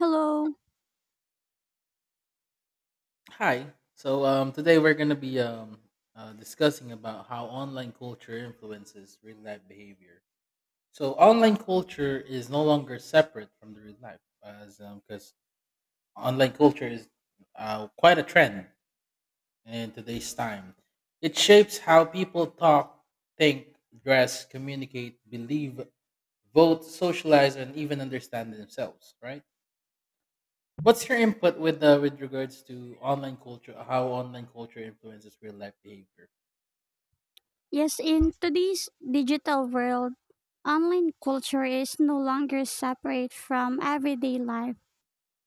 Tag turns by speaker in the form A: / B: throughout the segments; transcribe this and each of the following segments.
A: Hello.
B: Hi. Today we're going to be discussing about how online culture influences real life behavior. So online culture is no longer separate from the real life, as because online culture is quite a trend in today's time. It shapes how people talk, think, dress, communicate, believe, vote, socialize, and even understand themselves. Right. What's your input with regards to online culture? How online culture influences real life behavior?
A: Yes, in today's digital world, online culture is no longer separate from everyday life.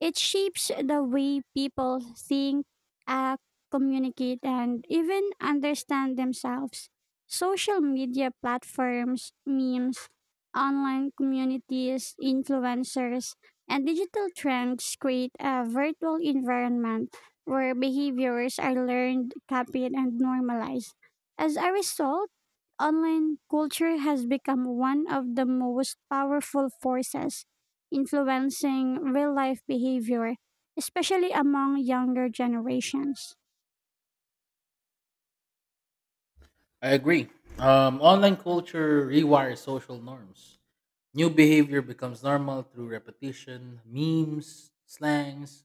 A: It shapes the way people think, act, communicate, and even understand themselves. Social media platforms, memes, online communities, influencers, and digital trends create a virtual environment where behaviors are learned, copied, and normalized. As a result, online culture has become one of the most powerful forces influencing real life behavior, especially among younger generations.
B: I agree. Online culture rewires social norms. New behavior becomes normal through repetition. Memes, slangs,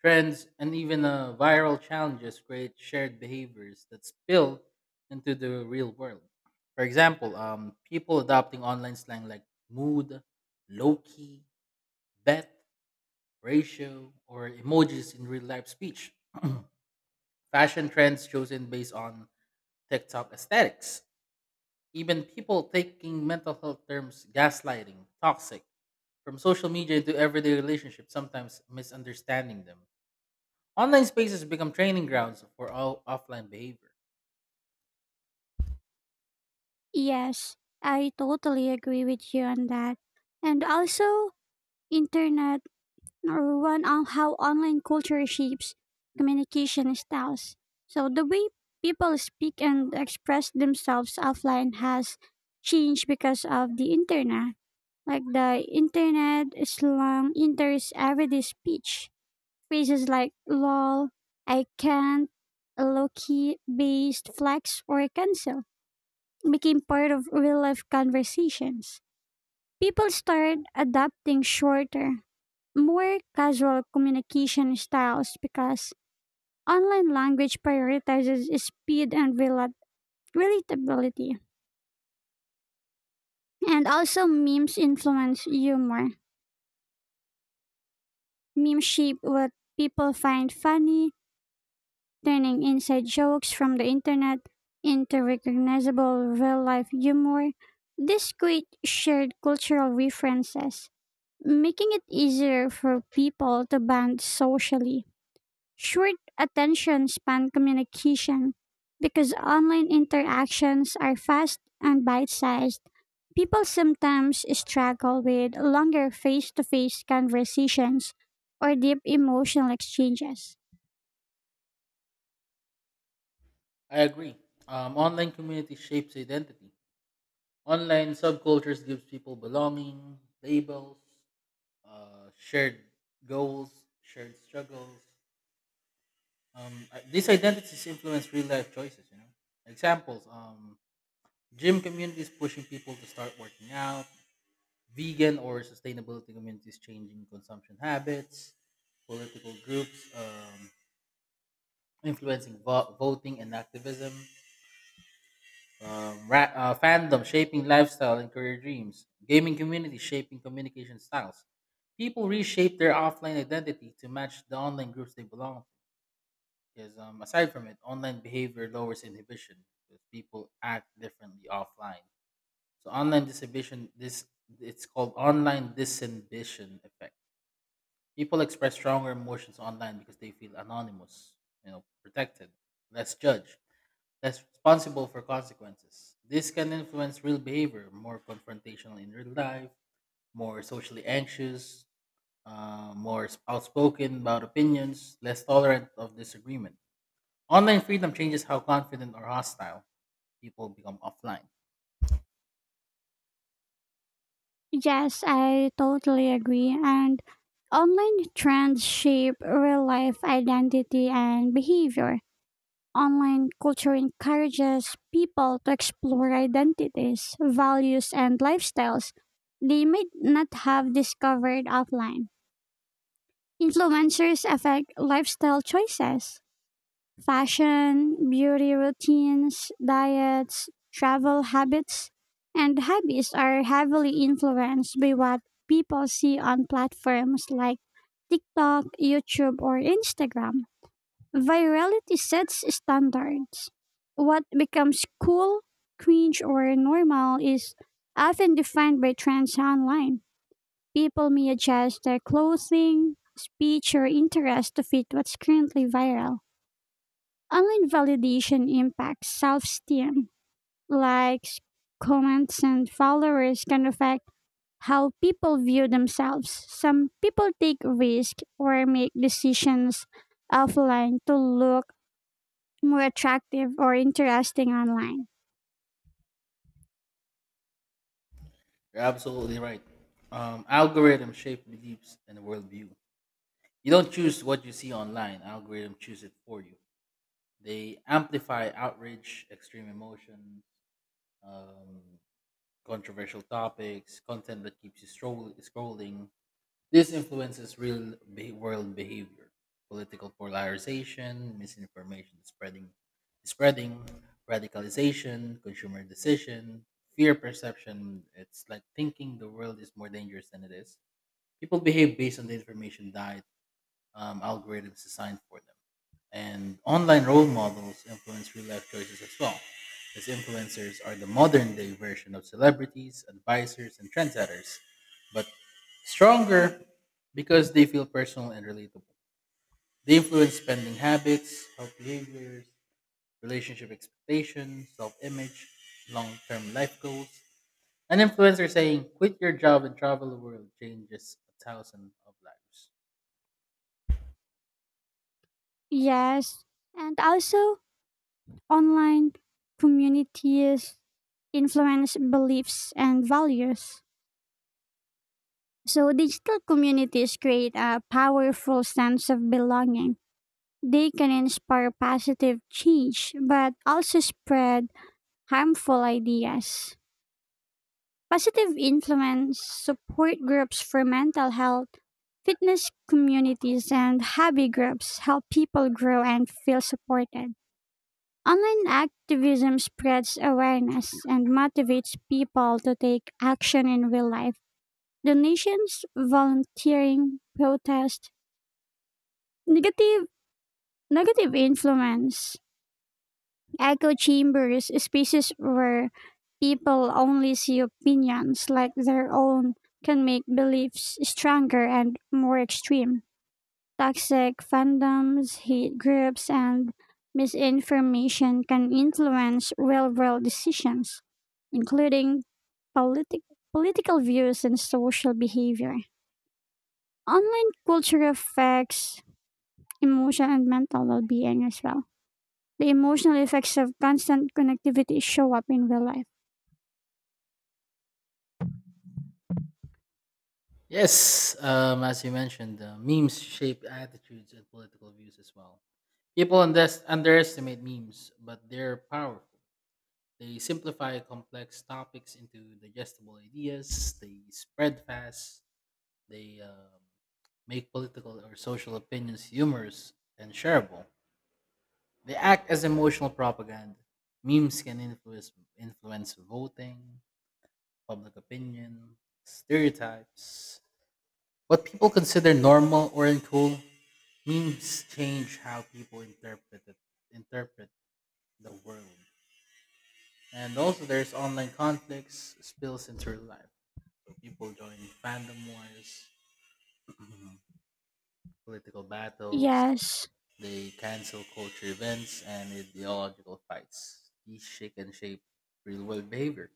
B: trends, and even viral challenges create shared behaviors that spill into the real world. For example, people adopting online slang like mood, low key, bet ratio, or emojis in real life speech. Fashion trends chosen based on TikTok aesthetics. Even people taking mental health terms gaslighting, toxic, from social media into everyday relationships, sometimes misunderstanding them. Online spaces become training grounds for all offline behavior.
A: Yes, I totally agree with you on that. And also, internet or one on how online culture shapes communication styles. So the way people speak and express themselves offline has changed because of the internet. Like the internet slang enters everyday speech phrases like lol, I can't, low-key," based flex, or cancel became part of real life conversations. People started adopting shorter, more casual communication styles because online language prioritizes speed and relatability. And also, memes influence humor. Memes shape what people find funny, turning inside jokes from the internet into recognizable real life humor. This creates shared cultural references, making it easier for people to bond socially. Short attention span communication because online interactions are fast and bite sized. People sometimes struggle with longer face to face conversations or deep emotional exchanges.
B: I agree. Online community shapes identity. Online subcultures gives people belonging, labels, shared goals, shared struggles. These identities influence real life choices. You know, examples: gym communities pushing people to start working out, vegan or sustainability communities changing consumption habits, political groups influencing voting and activism, fandom shaping lifestyle and career dreams, gaming communities shaping communication styles. People reshape their offline identity to match the online groups they belong. Because aside from it, online behavior lowers inhibition because people act differently offline. So online disinhibition, this it's called online disinhibition effect. People express stronger emotions online because they feel anonymous, you know, protected, less judged, less responsible for consequences. This can influence real behavior, more confrontational in real life, more socially anxious, more outspoken about opinions, less tolerant of disagreement. Online freedom changes how confident or hostile people become offline.
A: Yes, I totally agree. And online trends shape real life identity and behavior. Online culture encourages people to explore identities, values, and lifestyles they might not have discovered offline. Influencers affect lifestyle choices, fashion, beauty routines, diets, travel habits, and hobbies are heavily influenced by what people see on platforms like TikTok, YouTube, or Instagram. Virality sets standards. What becomes cool, cringe, or normal is often defined by trends online. People may adjust their clothing, speech, or interest to fit what's currently viral. Online validation impacts self esteem. Likes, comments, and followers can affect how people view themselves. Some people take risks or make decisions offline to look more attractive or interesting online.
B: You're absolutely right. Algorithm shape beliefs and worldview. You don't choose what you see online. Algorithm choose it for you. They amplify outrage, extreme emotions, um, controversial topics, content that keeps you scrolling. This influences world behavior, political polarization, misinformation spreading, spreading, radicalization, consumer decision, fear perception. It's like thinking the world is more dangerous than it is. People behave based on the information diet algorithms designed for them. And online role models influence real life choices as well, as influencers are the modern day version of celebrities, advisors, and trendsetters, but stronger because they feel personal and relatable. They influence spending habits, health behaviors, relationship expectations, self image, long term life goals. An influencer saying, quit your job and travel the world changes a thousand of lives.
A: Yes, and also online communities influence beliefs and values. So, digital communities create a powerful sense of belonging. They can inspire positive change, but also spread harmful ideas. Positive influence support groups for mental health, fitness communities, and hobby groups help people grow and feel supported. Online activism spreads awareness and motivates people to take action in real life. Donations, volunteering, protest, negative influence Echo chambers, spaces where people only see opinions like their own, can make beliefs stronger and more extreme. Toxic fandoms, hate groups, and misinformation can influence real world decisions, including politi- political views and social behavior. Online culture affects emotion and mental well being as well, the emotional effects of constant connectivity show up in real life.
B: Yes, as you mentioned, memes shape attitudes and political views as well. People underestimate memes, but they're powerful. They simplify complex topics into digestible ideas, they spread fast, they make political or social opinions humorous and shareable. They act as emotional propaganda. Memes can influence voting, public opinion, stereotypes. What people consider normal or uncool memes change how people interpret the world. And also, there's online conflicts spills into real life. So people join fandom wars, political battles,
A: Yes,
B: they cancel culture events and ideological fights. These shake and shape real world behavior.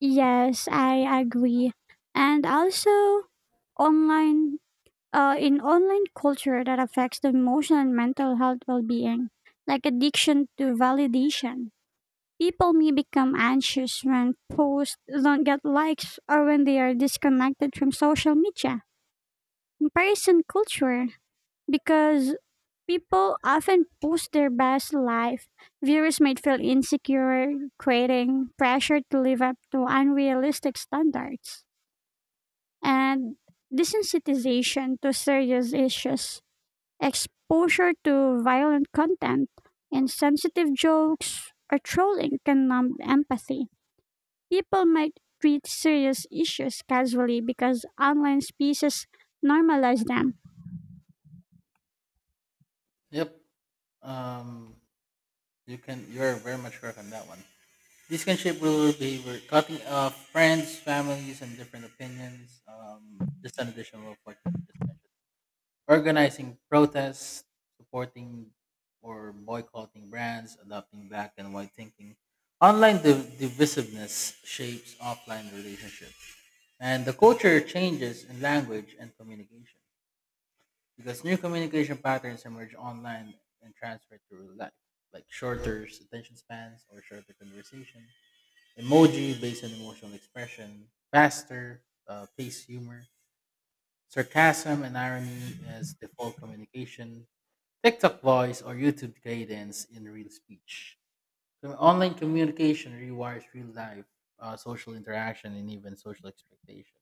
A: yes, I agree. And also online, in online culture that affects the emotional and mental health well-being, like addiction to validation. People may become anxious when posts don't get likes or when they are disconnected from social media. Comparison culture, because people often post their best life. Viewers might feel insecure, creating pressure to live up to unrealistic standards. And desensitization to serious issues, exposure to violent content, insensitive jokes, or trolling can numb empathy. People might treat serious issues casually because online spaces normalize them.
B: Yep. Um, you can. You're very much correct on that one. This can shape rural behavior, cutting off friends, families, and different opinions. Just an additional of what you just mentioned. Organizing protests, supporting or boycotting brands, adopting black and white thinking. Online divisiveness shapes offline relationships. And the culture changes in language and communication because new communication patterns emerge online and transfer to real life, like shorter attention spans or shorter conversation emoji based on emotional expression, faster, pace humor, sarcasm and irony as default communication, TikTok voice or YouTube cadence in real speech. So online communication rewires real life, social interaction, and even social expectation.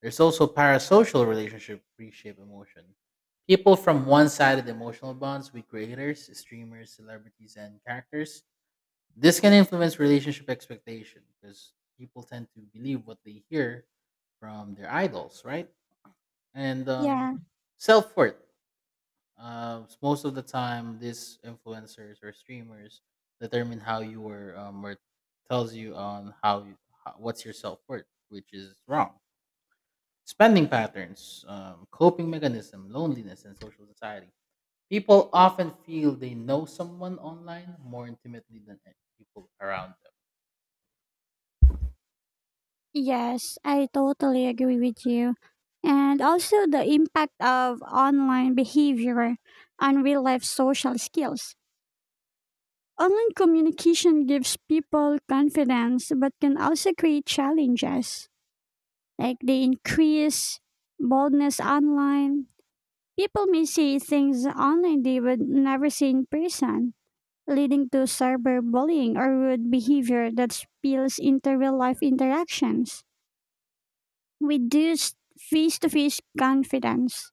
B: There's also parasocial relationship reshape emotion. People from one-sided emotional bonds with creators, streamers, celebrities, and characters, this can influence relationship expectation because people tend to believe what they hear from their idols, right? And
A: Yeah.
B: self worth. Most of the time, these influencers or streamers determine how you were or tells you on how, you, how what's your self worth, which is wrong. Spending patterns, coping mechanism, loneliness, and social society. People often feel they know someone online more intimately than people around them.
A: Yes, I totally agree with you. And also the impact of online behavior on real life social skills. Online communication gives people confidence but can also create challenges. Like they increase boldness online. People may say things online they would never say in person, leading to cyberbullying or rude behavior that spills into real life interactions, reduced face to face confidence.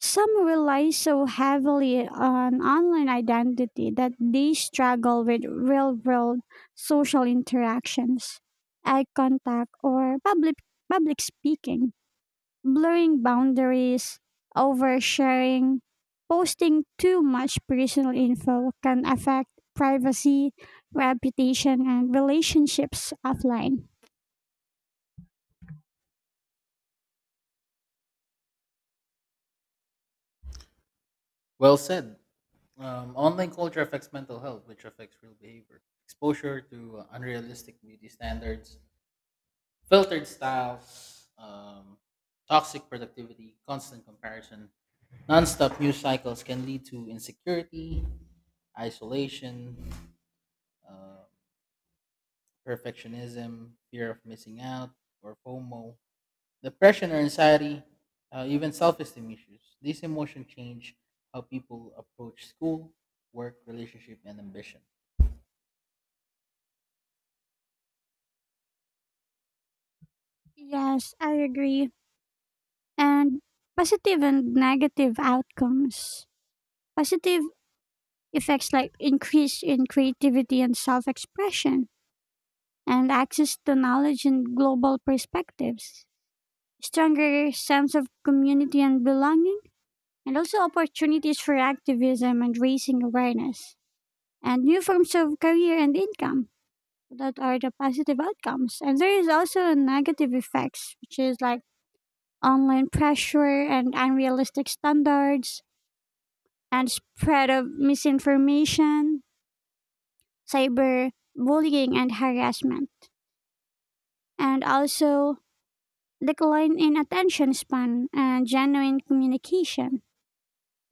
A: Some rely so heavily on online identity that they struggle with real world social interactions, eye contact, or public speaking, blurring boundaries, oversharing. Posting too much personal info can affect privacy, reputation, and relationships offline.
B: Well said. Online culture affects mental health, which affects real behavior. Exposure to unrealistic beauty standards, filtered styles, toxic productivity, constant comparison, nonstop news cycles can lead to insecurity, isolation, uh, perfectionism, fear of missing out, or FOMO, depression or anxiety, even self esteem issues. These emotions change how people approach school, work, relationship, and ambition.
A: Yes, I agree, and positive and negative outcomes. Positive effects like increase in creativity and self-expression and access to knowledge and global perspectives, stronger sense of community and belonging, and also opportunities for activism and raising awareness, and new forms of career and income, that are the positive outcomes. And there is also a negative effects, which is like online pressure and unrealistic standards, and spread of misinformation, cyber bullying and harassment, and also decline in attention span and genuine communication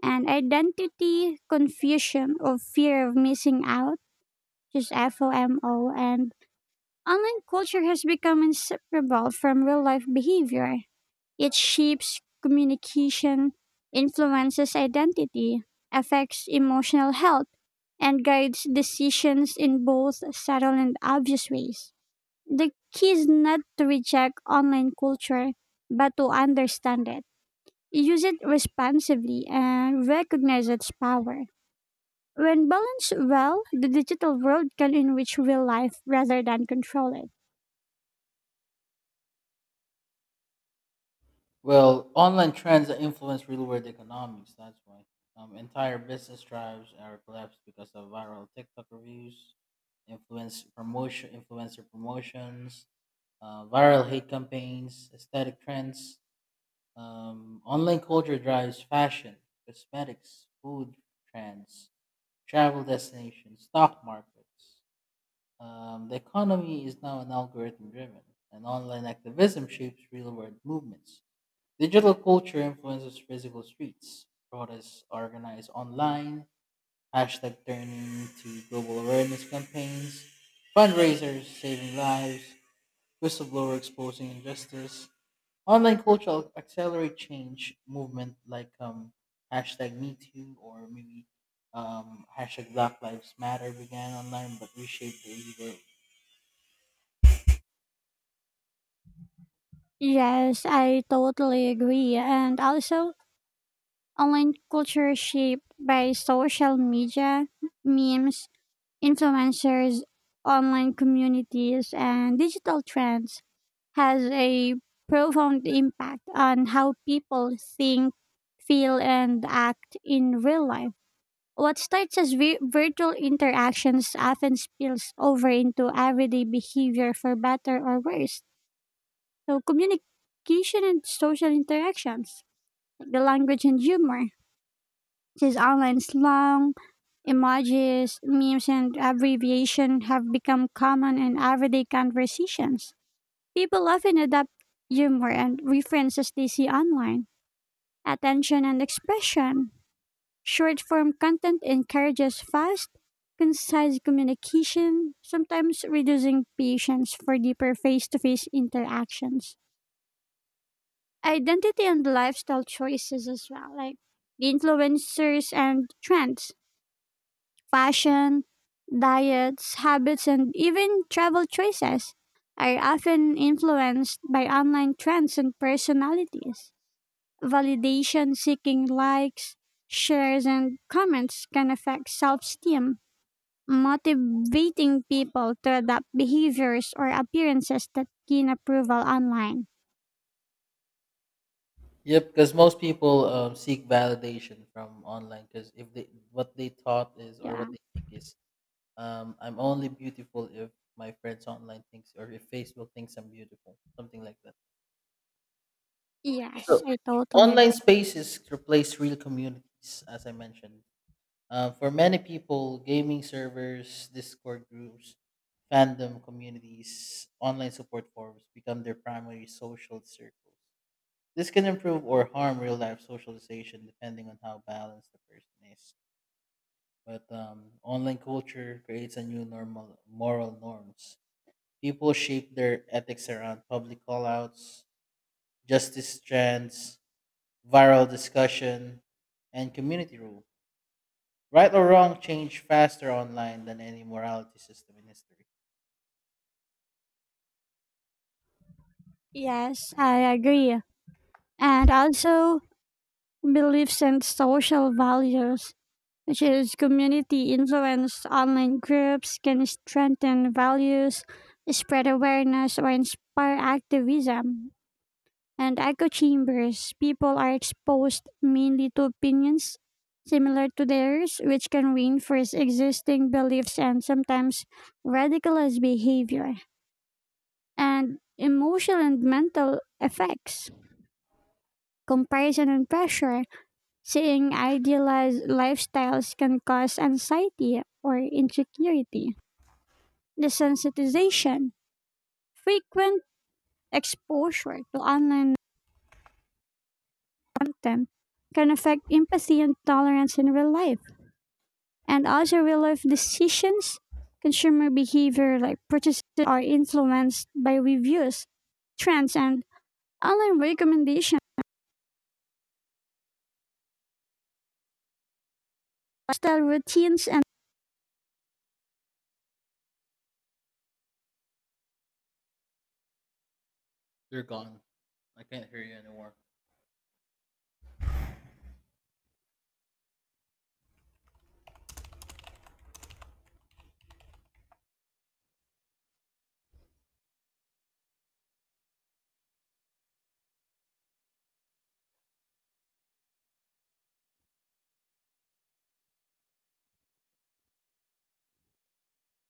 A: and identity confusion of fear of missing out, just FOMO. And online culture has become inseparable from real life behavior. It shapes communication, influences identity, affects emotional health, and guides decisions in both subtle and obvious ways. The key is not to reject online culture, but to understand it. Use it responsibly and recognize its power. When balanced well, the digital world can enrich real life rather than control it.
B: Well, online trends that influence real world economics, that's why. Entire business drives are collapsed because of viral TikTok reviews, influencer promotions, viral hate campaigns, aesthetic trends. Online culture drives fashion, cosmetics, food trends, travel destinations, stock markets. The economy is now an algorithm driven, and online activism shapes real world movements. Digital culture influences physical streets. Protests are organized online, hashtag turning to global awareness campaigns, fundraisers saving lives, whistleblower exposing injustice. Online culture accelerate change movement like hashtag Me Too or maybe hashtag Black Lives Matter began online but reshaped the daily world.
A: Yes, I totally agree. And also, online culture shaped by social media, memes, influencers, online communities, and digital trends has a profound impact on how people think, feel, and act in real life. What starts as virtual interactions often spills over into everyday behavior for better or worse. So, communication and social interactions, like the language and humor, his online slang, emojis, memes, and abbreviation have become common in everyday conversations. People often adapt humor and references they see online. Attention and expression. Short form content encourages fast, concise communication, sometimes reducing patience for deeper face to face interactions. Identity and lifestyle choices as well, like the influencers and trends. Fashion, diets, habits, and even travel choices are often influenced by online trends and personalities. Validation seeking likes, shares, and comments can affect self esteem, motivating people to adopt behaviors or appearances that gain approval online.
B: Yep, because most people seek validation from online because if they what they thought is or
A: Yeah.
B: what they think is. I'm only beautiful if my friends online thinks or if Facebook thinks I'm beautiful, something like that.
A: Yes,
B: So
A: I totally
B: online
A: agree.
B: spaces replace real communities, as I mentioned. For many people, gaming servers, Discord groups, fandom communities, online support forums become their primary social circles. This can improve or harm real life socialization depending on how balanced the person is. But online culture creates a new normal moral norms. People shape their ethics around public callouts, justice trends, viral discussion, and community rule. Right or wrong change faster online than any morality system in history.
A: Yes, I agree. And also, beliefs and social values, which is community influence, online groups can strengthen values, spread awareness, or inspire activism. And echo chambers, people are exposed mainly to opinions similar to theirs, which can reinforce existing beliefs and sometimes radicalize behavior. And emotional and mental effects, comparison and pressure, seeing idealized lifestyles can cause anxiety or insecurity. Desensitization, frequent exposure to online content can affect empathy and tolerance in real life. And also, real life decisions, consumer behavior like purchases are influenced by reviews, trends, and online recommendations, lifestyle routines, and
B: You're gone. I can't hear you anymore.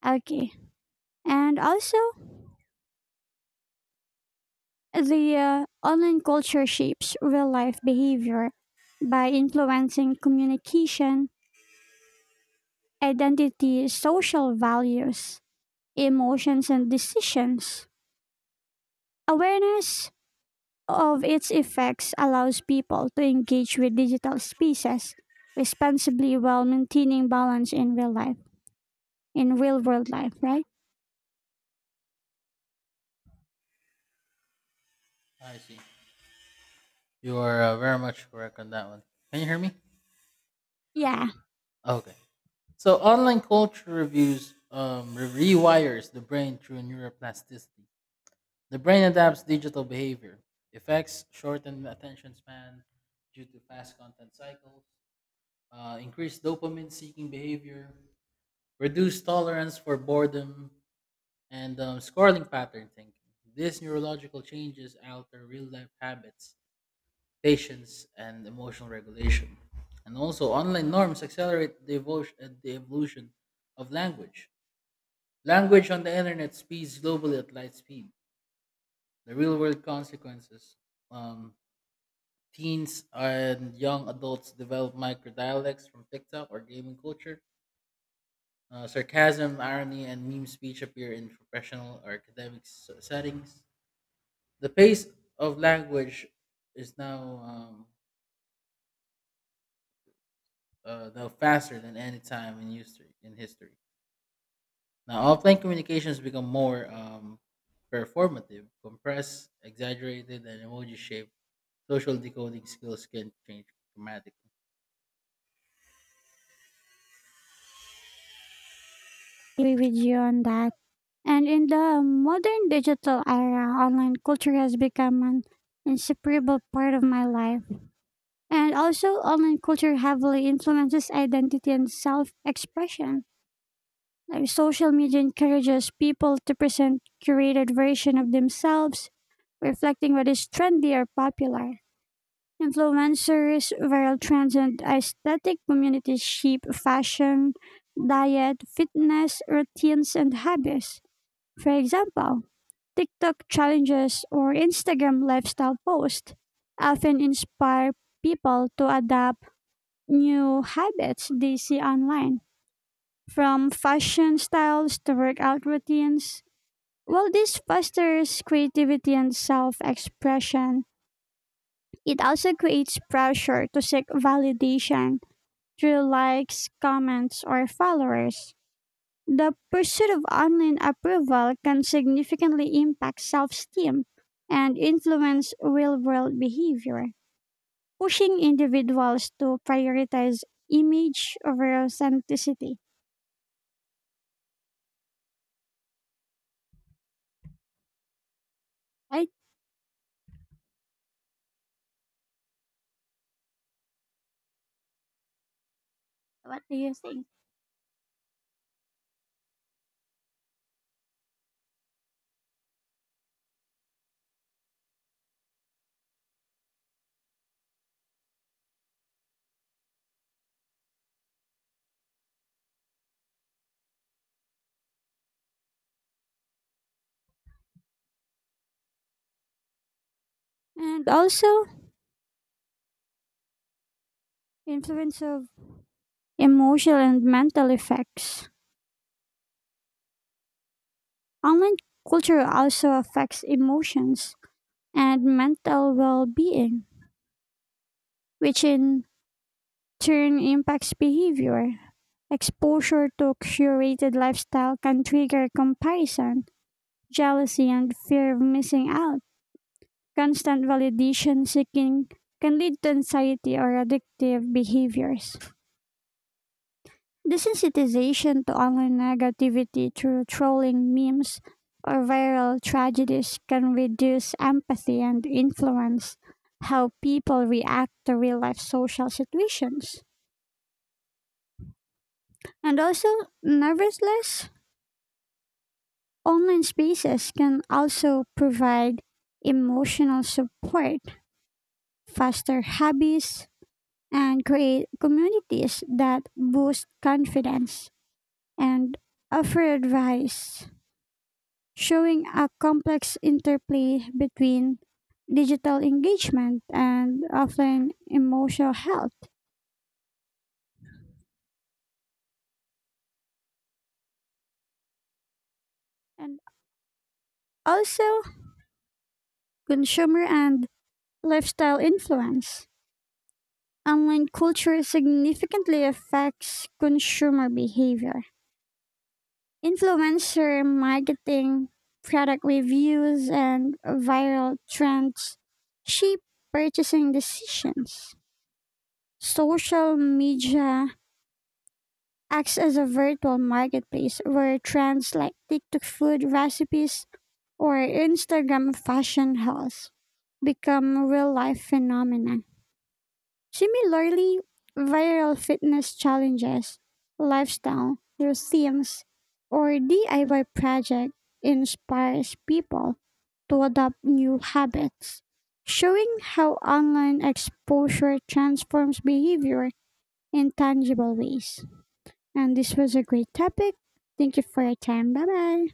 A: okay. And also, the online culture shapes real life behavior by influencing communication, identity, social values, emotions, and decisions. Awareness of its effects allows people to engage with digital spaces responsibly while maintaining balance in real life, in real world life, right?
B: I see. You are very much correct on that one. Can you hear me?
A: Yeah,
B: Okay. So online culture reviews rewires the brain through neuroplasticity. The brain adapts digital behavior. Effects shortened attention span due to fast content cycles, increased dopamine seeking behavior, reduced tolerance for boredom, and scoring pattern thinking. These neurological changes alter real life habits, patience, and emotional regulation. And also, online norms accelerate the evolution of language. Language on the internet speeds globally at light speed. The real world consequences, um, teens and young adults develop micro dialects from TikTok or gaming culture. Sarcasm, irony, and meme speech appear in professional or academic settings. The pace of language is now faster than any time in history. In history, now offline communications become more performative, compressed, exaggerated, and emoji shaped. Social decoding skills can change dramatically.
A: agree with you on that. And in the modern digital era, online culture has become an inseparable part of my life. And also, online culture heavily influences identity and self expression. Like social media encourages people to present curated version of themselves, reflecting what is trendy or popular. Influencers, viral trends, and aesthetic communities shape fashion, diet, fitness, routines, and habits. For example, TikTok challenges or Instagram lifestyle posts often inspire people to adopt new habits they see online, from fashion styles to workout routines. While this fosters creativity and self expression, it also creates pressure to seek validation through likes, comments, or followers. The pursuit of online approval can significantly impact self esteem and influence real world behavior, pushing individuals to prioritize image over authenticity. Right? What do you think? And also, influence of emotional and mental effects. Online culture also affects emotions and mental well being, which in turn impacts behavior. Exposure to curated lifestyle can trigger comparison, jealousy, and fear of missing out. Constant validation seeking can lead to anxiety or addictive behaviors. Desensitization to online negativity through trolling memes or viral tragedies can reduce empathy and influence how people react to real life social situations. And also, nervousness. Online spaces can also provide emotional support, foster hobbies, and create communities that boost confidence and offer advice, showing a complex interplay between digital engagement and offline emotional health. And also, consumer and lifestyle influence. Online culture significantly affects consumer behavior. Influencer marketing, product reviews, and viral trends shape purchasing decisions. Social media acts as a virtual marketplace where trends like TikTok food recipes or Instagram fashion hauls become real life phenomena. Similarly, viral fitness challenges, lifestyle museums, or DIY project inspires people to adopt new habits, showing how online exposure transforms behavior in tangible ways. And this was a great topic. Thank you for your time. Bye bye.